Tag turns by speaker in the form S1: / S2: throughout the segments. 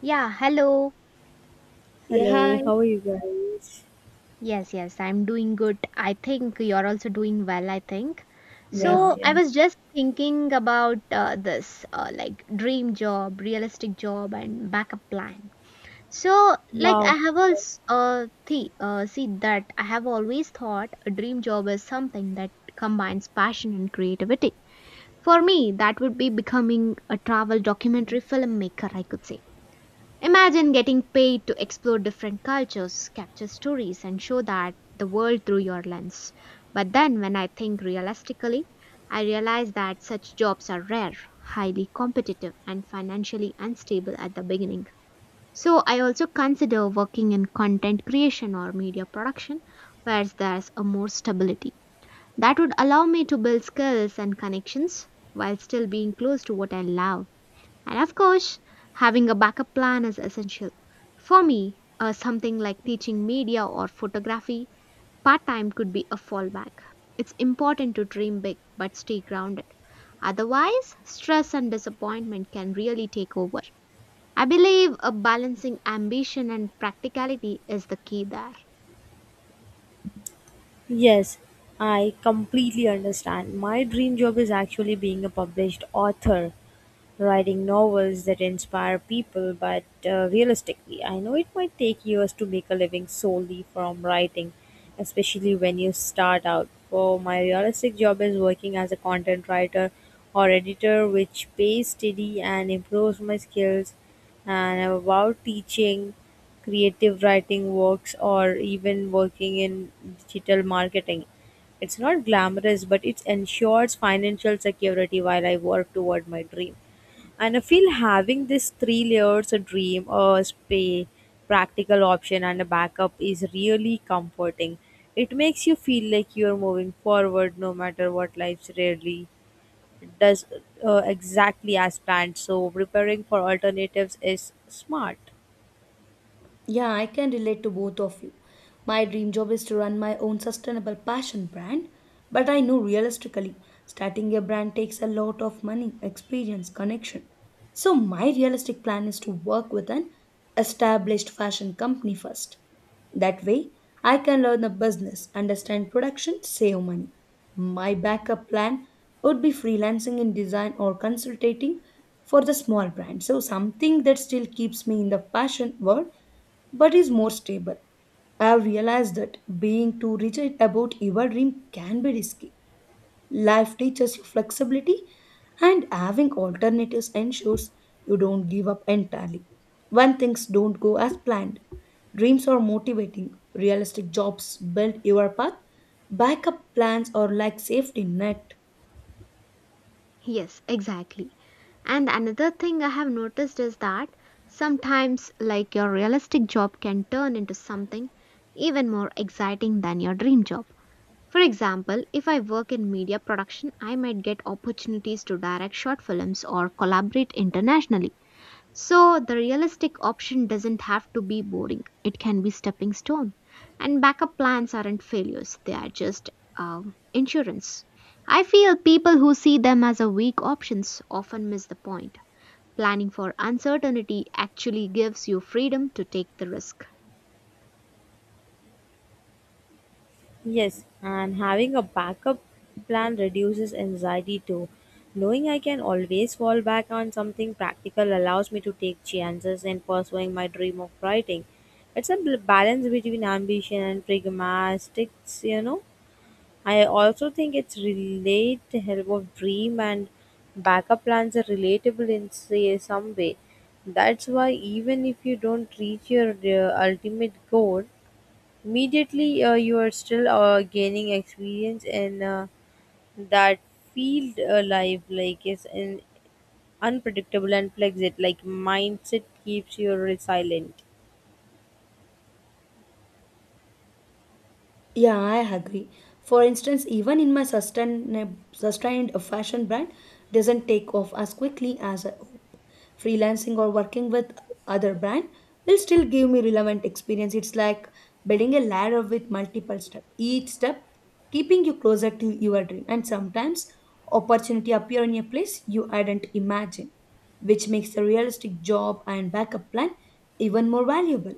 S1: Yeah, hello.
S2: 也嗨
S3: Hello, how are you guys?
S1: Yes, yes, I'm doing good. I think you're also doing well, I think.
S3: Yes,
S2: 呀，
S1: So, I
S3: yes.
S1: was just thinking about this like dream job, realistic job, and backup plan. So, like, I
S3: Wow.
S1: have also see that I have always thought a dream job is something that combines passion and creativity. For me, that would be becoming a travel documentary filmmaker, I could say. Imagine getting paid to explore different cultures, capture stories, and show that the world through your lens. But then, when I think realistically, I realize that such jobs are rare, highly competitive, and financially unstable at the beginning. So, I also consider working in content creation or media production, where there's a more stability. That would allow me to build skills and connections while still being close to what I love. And of course, having a backup plan is essential. For me, something like teaching media or photography part time could be a fallback. It's important to dream big but stay grounded. Otherwise, stress and disappointment can really take over. I believe a balancing ambition and practicality is the key there.
S3: Yes, I completely understand. My dream job is actually being a published author, writing novels that inspire people, but realistically, I know it might take years to make a living solely from writing, especially when you start out. For my realistic job is working as a content writer or editor, which pays steady and improves my skills. And I'm about teaching creative writing works or even working in digital marketing. It's not glamorous, but it ensures financial security while I work toward my dream. And I feel having this three layers a dream, practical option, and a backup is really comforting. It makes you feel like you're moving forward no matter what life's rarely does exactly as planned. So, preparing for alternatives is smart.
S2: Yeah, I can relate to both of you. My dream job is to run my own sustainable passion brand, but I know realistically, starting a brand takes a lot of money, experience, connection. So, my realistic plan is to work with an established fashion company first. That way, I can learn the business, understand production, save money. My backup plan would be freelancing in design or consultating for the small brand. So, something that still keeps me in the fashion world but is more stable. I have realized that being too rigid about your dream can be risky. Life teaches you flexibility, and having alternatives ensures you don't give up entirely when things don't go as planned. Dreams are motivating, realistic jobs build your path, backup plans are like safety net.
S1: Yes, exactly. And another thing I have noticed is that sometimes, like your realistic job can turn into something even more exciting than your dream job. For example, if I work in media production, I might get opportunities to direct short films or collaborate internationally. So the realistic option doesn't have to be boring. It can be stepping stone. And backup plans aren't failures. They are just insurance. I feel people who see them as a weak options often miss the point. Planning for uncertainty actually gives you freedom to take the risk.
S3: Yes, and having a backup plan reduces anxiety too. Knowing I can always fall back on something practical allows me to take chances in pursuing my dream of writing. It's a balance between ambition and pragmatics, you know. I also think it's relate the help of dream and backup plans are relatable in say some way. That's why even if you don't reach your ultimate goal, immediately, you are still gaining experience in that field. Life like is an unpredictable and flexible. Like mindset keeps you resilient.
S2: Yeah, I agree. For instance, even in my sustained fashion brand doesn't take off as quickly as I hope. Freelancing or working with other brand will still give me relevant experience. It's like building a ladder with multiple steps. Each step keeping you closer to your dream. And sometimes opportunity appear in a place you hadn't imagined, which makes the realistic job and backup plan even more valuable.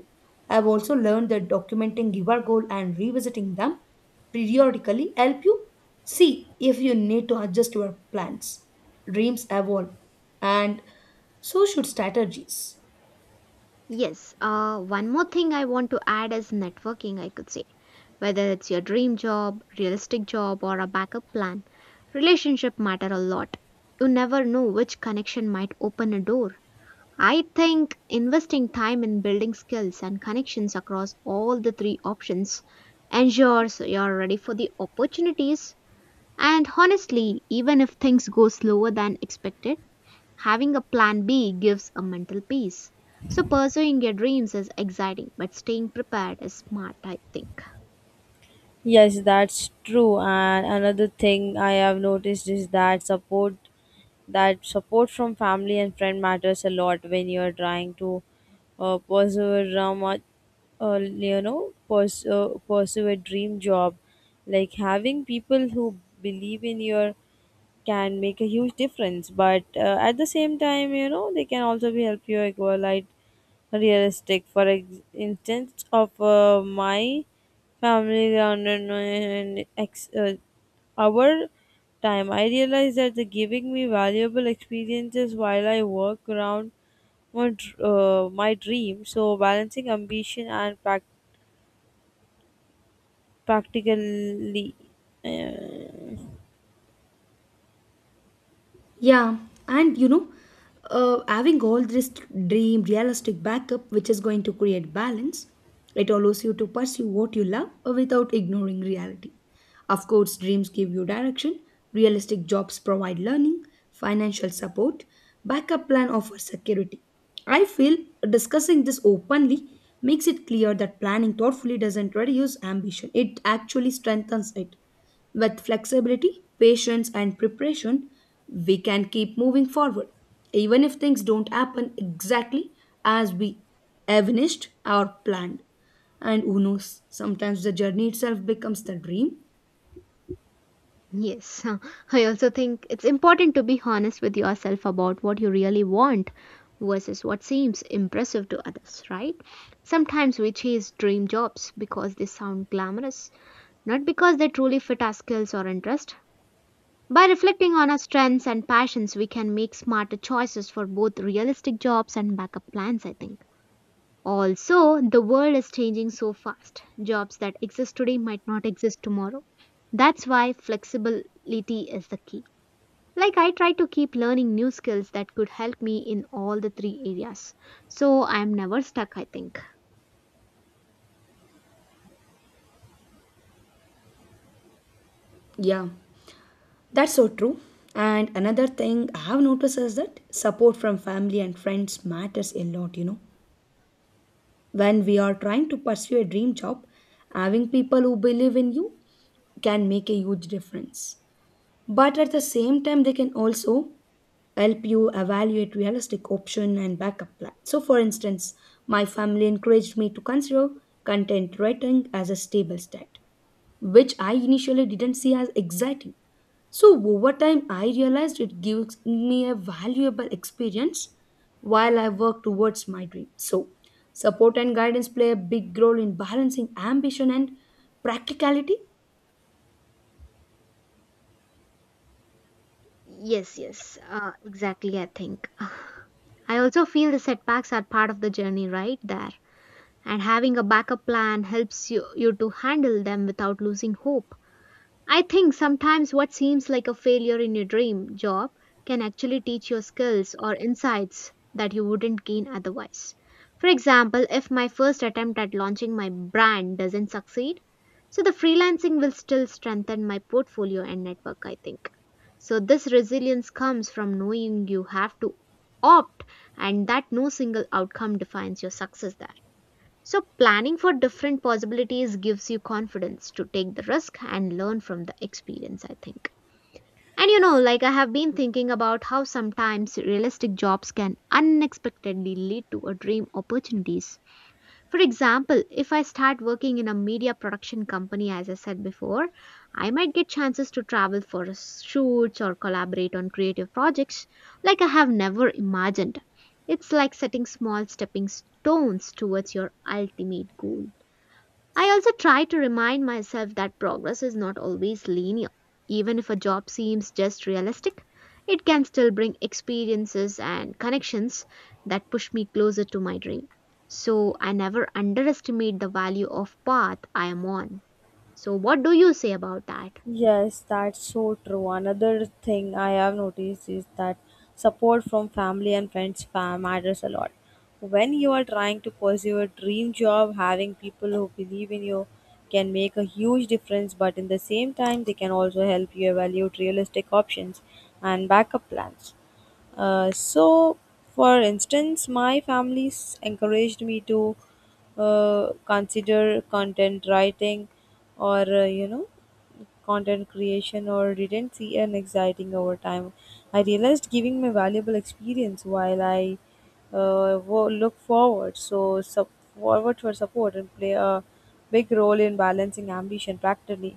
S2: I've also learned that documenting your goal and revisiting them periodically help you see if you need to adjust your plans. Dreams evolve, and so should strategies.
S1: Yes, one more thing I want to add is networking, I could say. Whether it's your dream job, realistic job, or a backup plan, relationship matter a lot. You never know which connection might open a door. I think investing time in building skills and connections across all the three options ensures you're ready for the opportunities. And honestly, even if things go slower than expected, having a plan B gives a mental peace. So pursuing your dreams is exciting, but staying prepared is smart, I think.
S3: Yes, that's true. And another thing I have noticed is that support from family and friend matters a lot when you're trying to pursue a much pursue a dream job. Like having people who believe in your can make a huge difference but at the same time you know they can also be help you equalize realistic for instance of my family around in our time I realized that the giving me valuable experiences while I work around my dream so balancing ambition and practically uh,
S2: Yeah, and you know, having all this dream, realistic backup, which is going to create balance, it allows you to pursue what you love without ignoring reality. Of course, dreams give you direction, realistic jobs provide learning, financial support, backup plan offers security. I feel discussing this openly makes it clear that planning thoughtfully doesn't reduce ambition, it actually strengthens it. With flexibility, patience, and preparation, we can keep moving forward, even if things don't happen exactly as we envisaged or planned. And who knows, sometimes the journey itself becomes the dream.
S1: Yes, I also think it's important to be honest with yourself about what you really want versus what seems impressive to others, right? Sometimes we chase dream jobs because they sound glamorous, not because they truly fit our skills or interest. By reflecting on our strengths and passions, we can make smarter choices for both realistic jobs and backup plans, I think. Also, the world is changing so fast. Jobs that exist today might not exist tomorrow. That's why flexibility is the key. Like, I try to keep learning new skills that could help me in all the three areas. So, I am never stuck, I think.
S2: Yeah, that's so true. And another thing I have noticed is that support from family and friends matters a lot, you know, when we are trying to pursue a dream job, having people who believe in you can make a huge difference. But at the same time they can also help you evaluate realistic option and backup plan. So for instance, my family encouraged me to consider content writing as a stable stat, which I initially didn't see as exciting. So over time I realized it gives me a valuable experience while I work towards my dream. So support and guidance play a big role in balancing ambition and practicality.
S1: Yes, yes, exactly, I think. I also feel the setbacks are part of the journey right there. And having a backup plan helps you to handle them without losing hope. I think sometimes what seems like a failure in your dream job can actually teach you skills or insights that you wouldn't gain otherwise. For example, if my first attempt at launching my brand doesn't succeed, so the freelancing will still strengthen my portfolio and network, I think. So this resilience comes from knowing you have to opt, and that no single outcome defines your success. So, planning for different possibilities gives you confidence to take the risk and learn from the experience, I think. And you know, like I have been thinking about how sometimes realistic jobs can unexpectedly lead to a dream opportunities. For example, if I start working in a media production company, as I said before, I might get chances to travel for shoots or collaborate on creative projects like I have never imagined. It's like setting small stepping stones towards your ultimate goal. I also try to remind myself that progress is not always linear. Even if a job seems just realistic, it can still bring experiences and connections that push me closer to my dream. So I never underestimate the value of path I am on. So what do you say about that?
S3: yes, that's so true. Another thing I have noticed is that support from family and friends matters a lot. When you are trying to pursue a dream job, having people who believe in you can make a huge difference, but in the same time, they can also help you evaluate realistic options and backup plans. So, for instance, my family encouraged me to consider content writing or, you know, content creation or didn't see an exciting over time. I realized giving my valuable experience while I look forward so forward for support and play a big role in balancing ambition practically.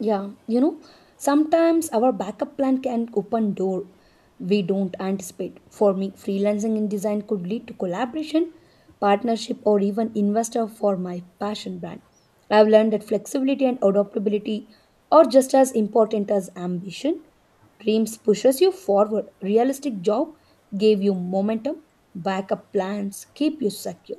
S2: Yeah, you know, sometimes our backup plan can open door we don't anticipate. For me, freelancing in design could lead to collaboration, partnership, or even investor for my passion brand. I've learned that flexibility and adaptability are just as important as ambition. Dreams pushes you forward. Realistic job gave you momentum. Backup plans keep you secure.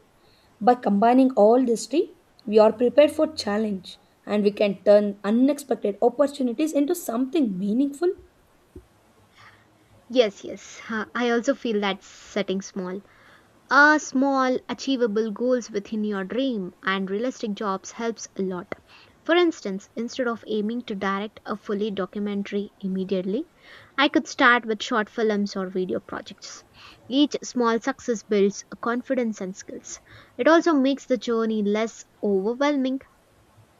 S2: By combining all these three, we are prepared for challenge and we can turn unexpected opportunities into something meaningful.
S1: Yes, yes. Huh, I also feel that setting small achievable goals within your dream and realistic jobs helps a lot. For instance, instead of aiming to direct a fully documentary immediately, I could start with short films or video projects. Each small success builds confidence and skills. It also makes the journey less overwhelming.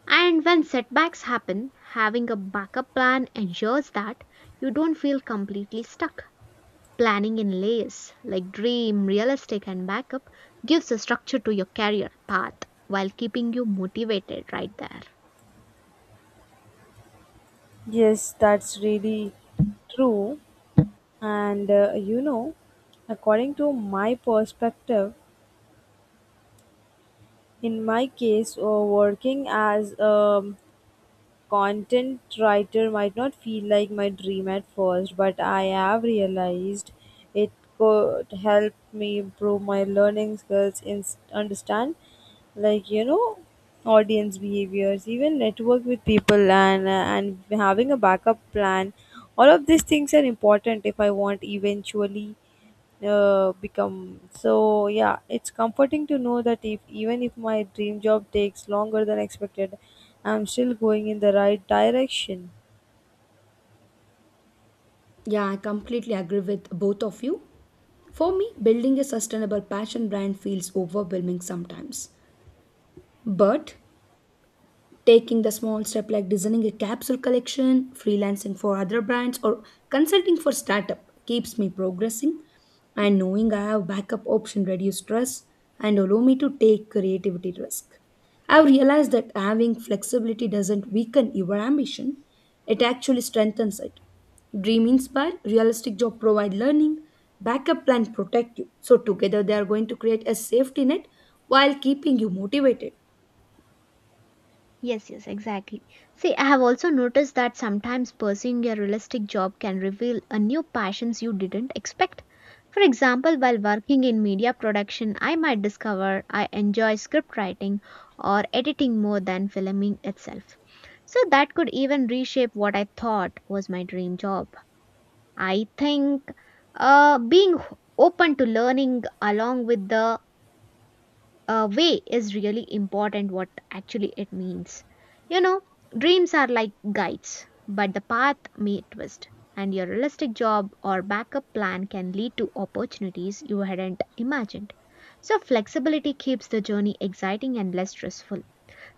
S1: And when setbacks happen, having a backup plan ensures that you don't feel completely stuck. Planning in layers like dream, realistic, and backup gives a structure to your career path while keeping you motivated right there.
S3: Yes, that's really true. And you know, according to my perspective, in my case, working as a content writer might not feel like my dream at first, but I have realized it could help me improve my learning skills in understand like you know audience behaviors even network with people and and having a backup plan all of these things are important if I want eventually become so yeah it's comforting to know that if even if my dream job takes longer than expected, I'm still going in the right direction.
S2: Yeah, I completely agree with both of you. For me, building a sustainable passion brand feels overwhelming sometimes. But taking the small step like designing a capsule collection, freelancing for other brands, or consulting for startup keeps me progressing. And knowing I have backup option reduce stress and allow me to take creativity risk. I've realized that having flexibility doesn't weaken your ambition; it actually strengthens it. Dream inspire, realistic job provide learning, backup plan protect you. So together they are going to create a safety net while keeping you motivated.
S1: Yes, yes, exactly. See, I have also noticed that sometimes pursuing a realistic job can reveal a new passions you didn't expect. For example, while working in media production, I might discover I enjoy script writing or editing more than filming itself. So that could even reshape what I thought was my dream job. I think being h- open to learning along with the way is really important what actually it means. You know, dreams are like guides, but the path may twist, and your realistic job or backup plan can lead to opportunities you hadn't imagined. So, flexibility keeps the journey exciting and less stressful.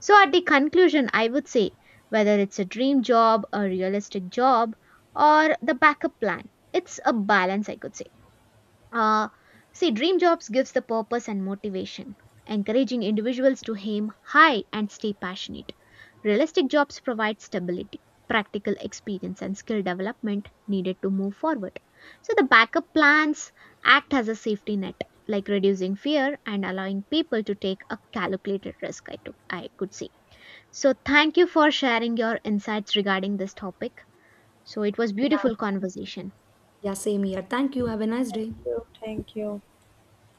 S1: So, at the conclusion, I would say whether it's a dream job, a realistic job, or the backup plan, it's a balance, I could say. uh, See, dream jobs gives the purpose and motivation, encouraging individuals to aim high and stay passionate. Realistic jobs provide stability, practical experience, and skill development needed to move forward. So the backup plans act as a safety net, like reducing fear and allowing people to take a calculated risk. I took, I could see. So thank you for sharing your insights regarding this topic. So it was beautiful conversation.
S2: Yeah, same here. Thank you. Have a nice
S3: Thank
S2: day.
S3: you. Thank you.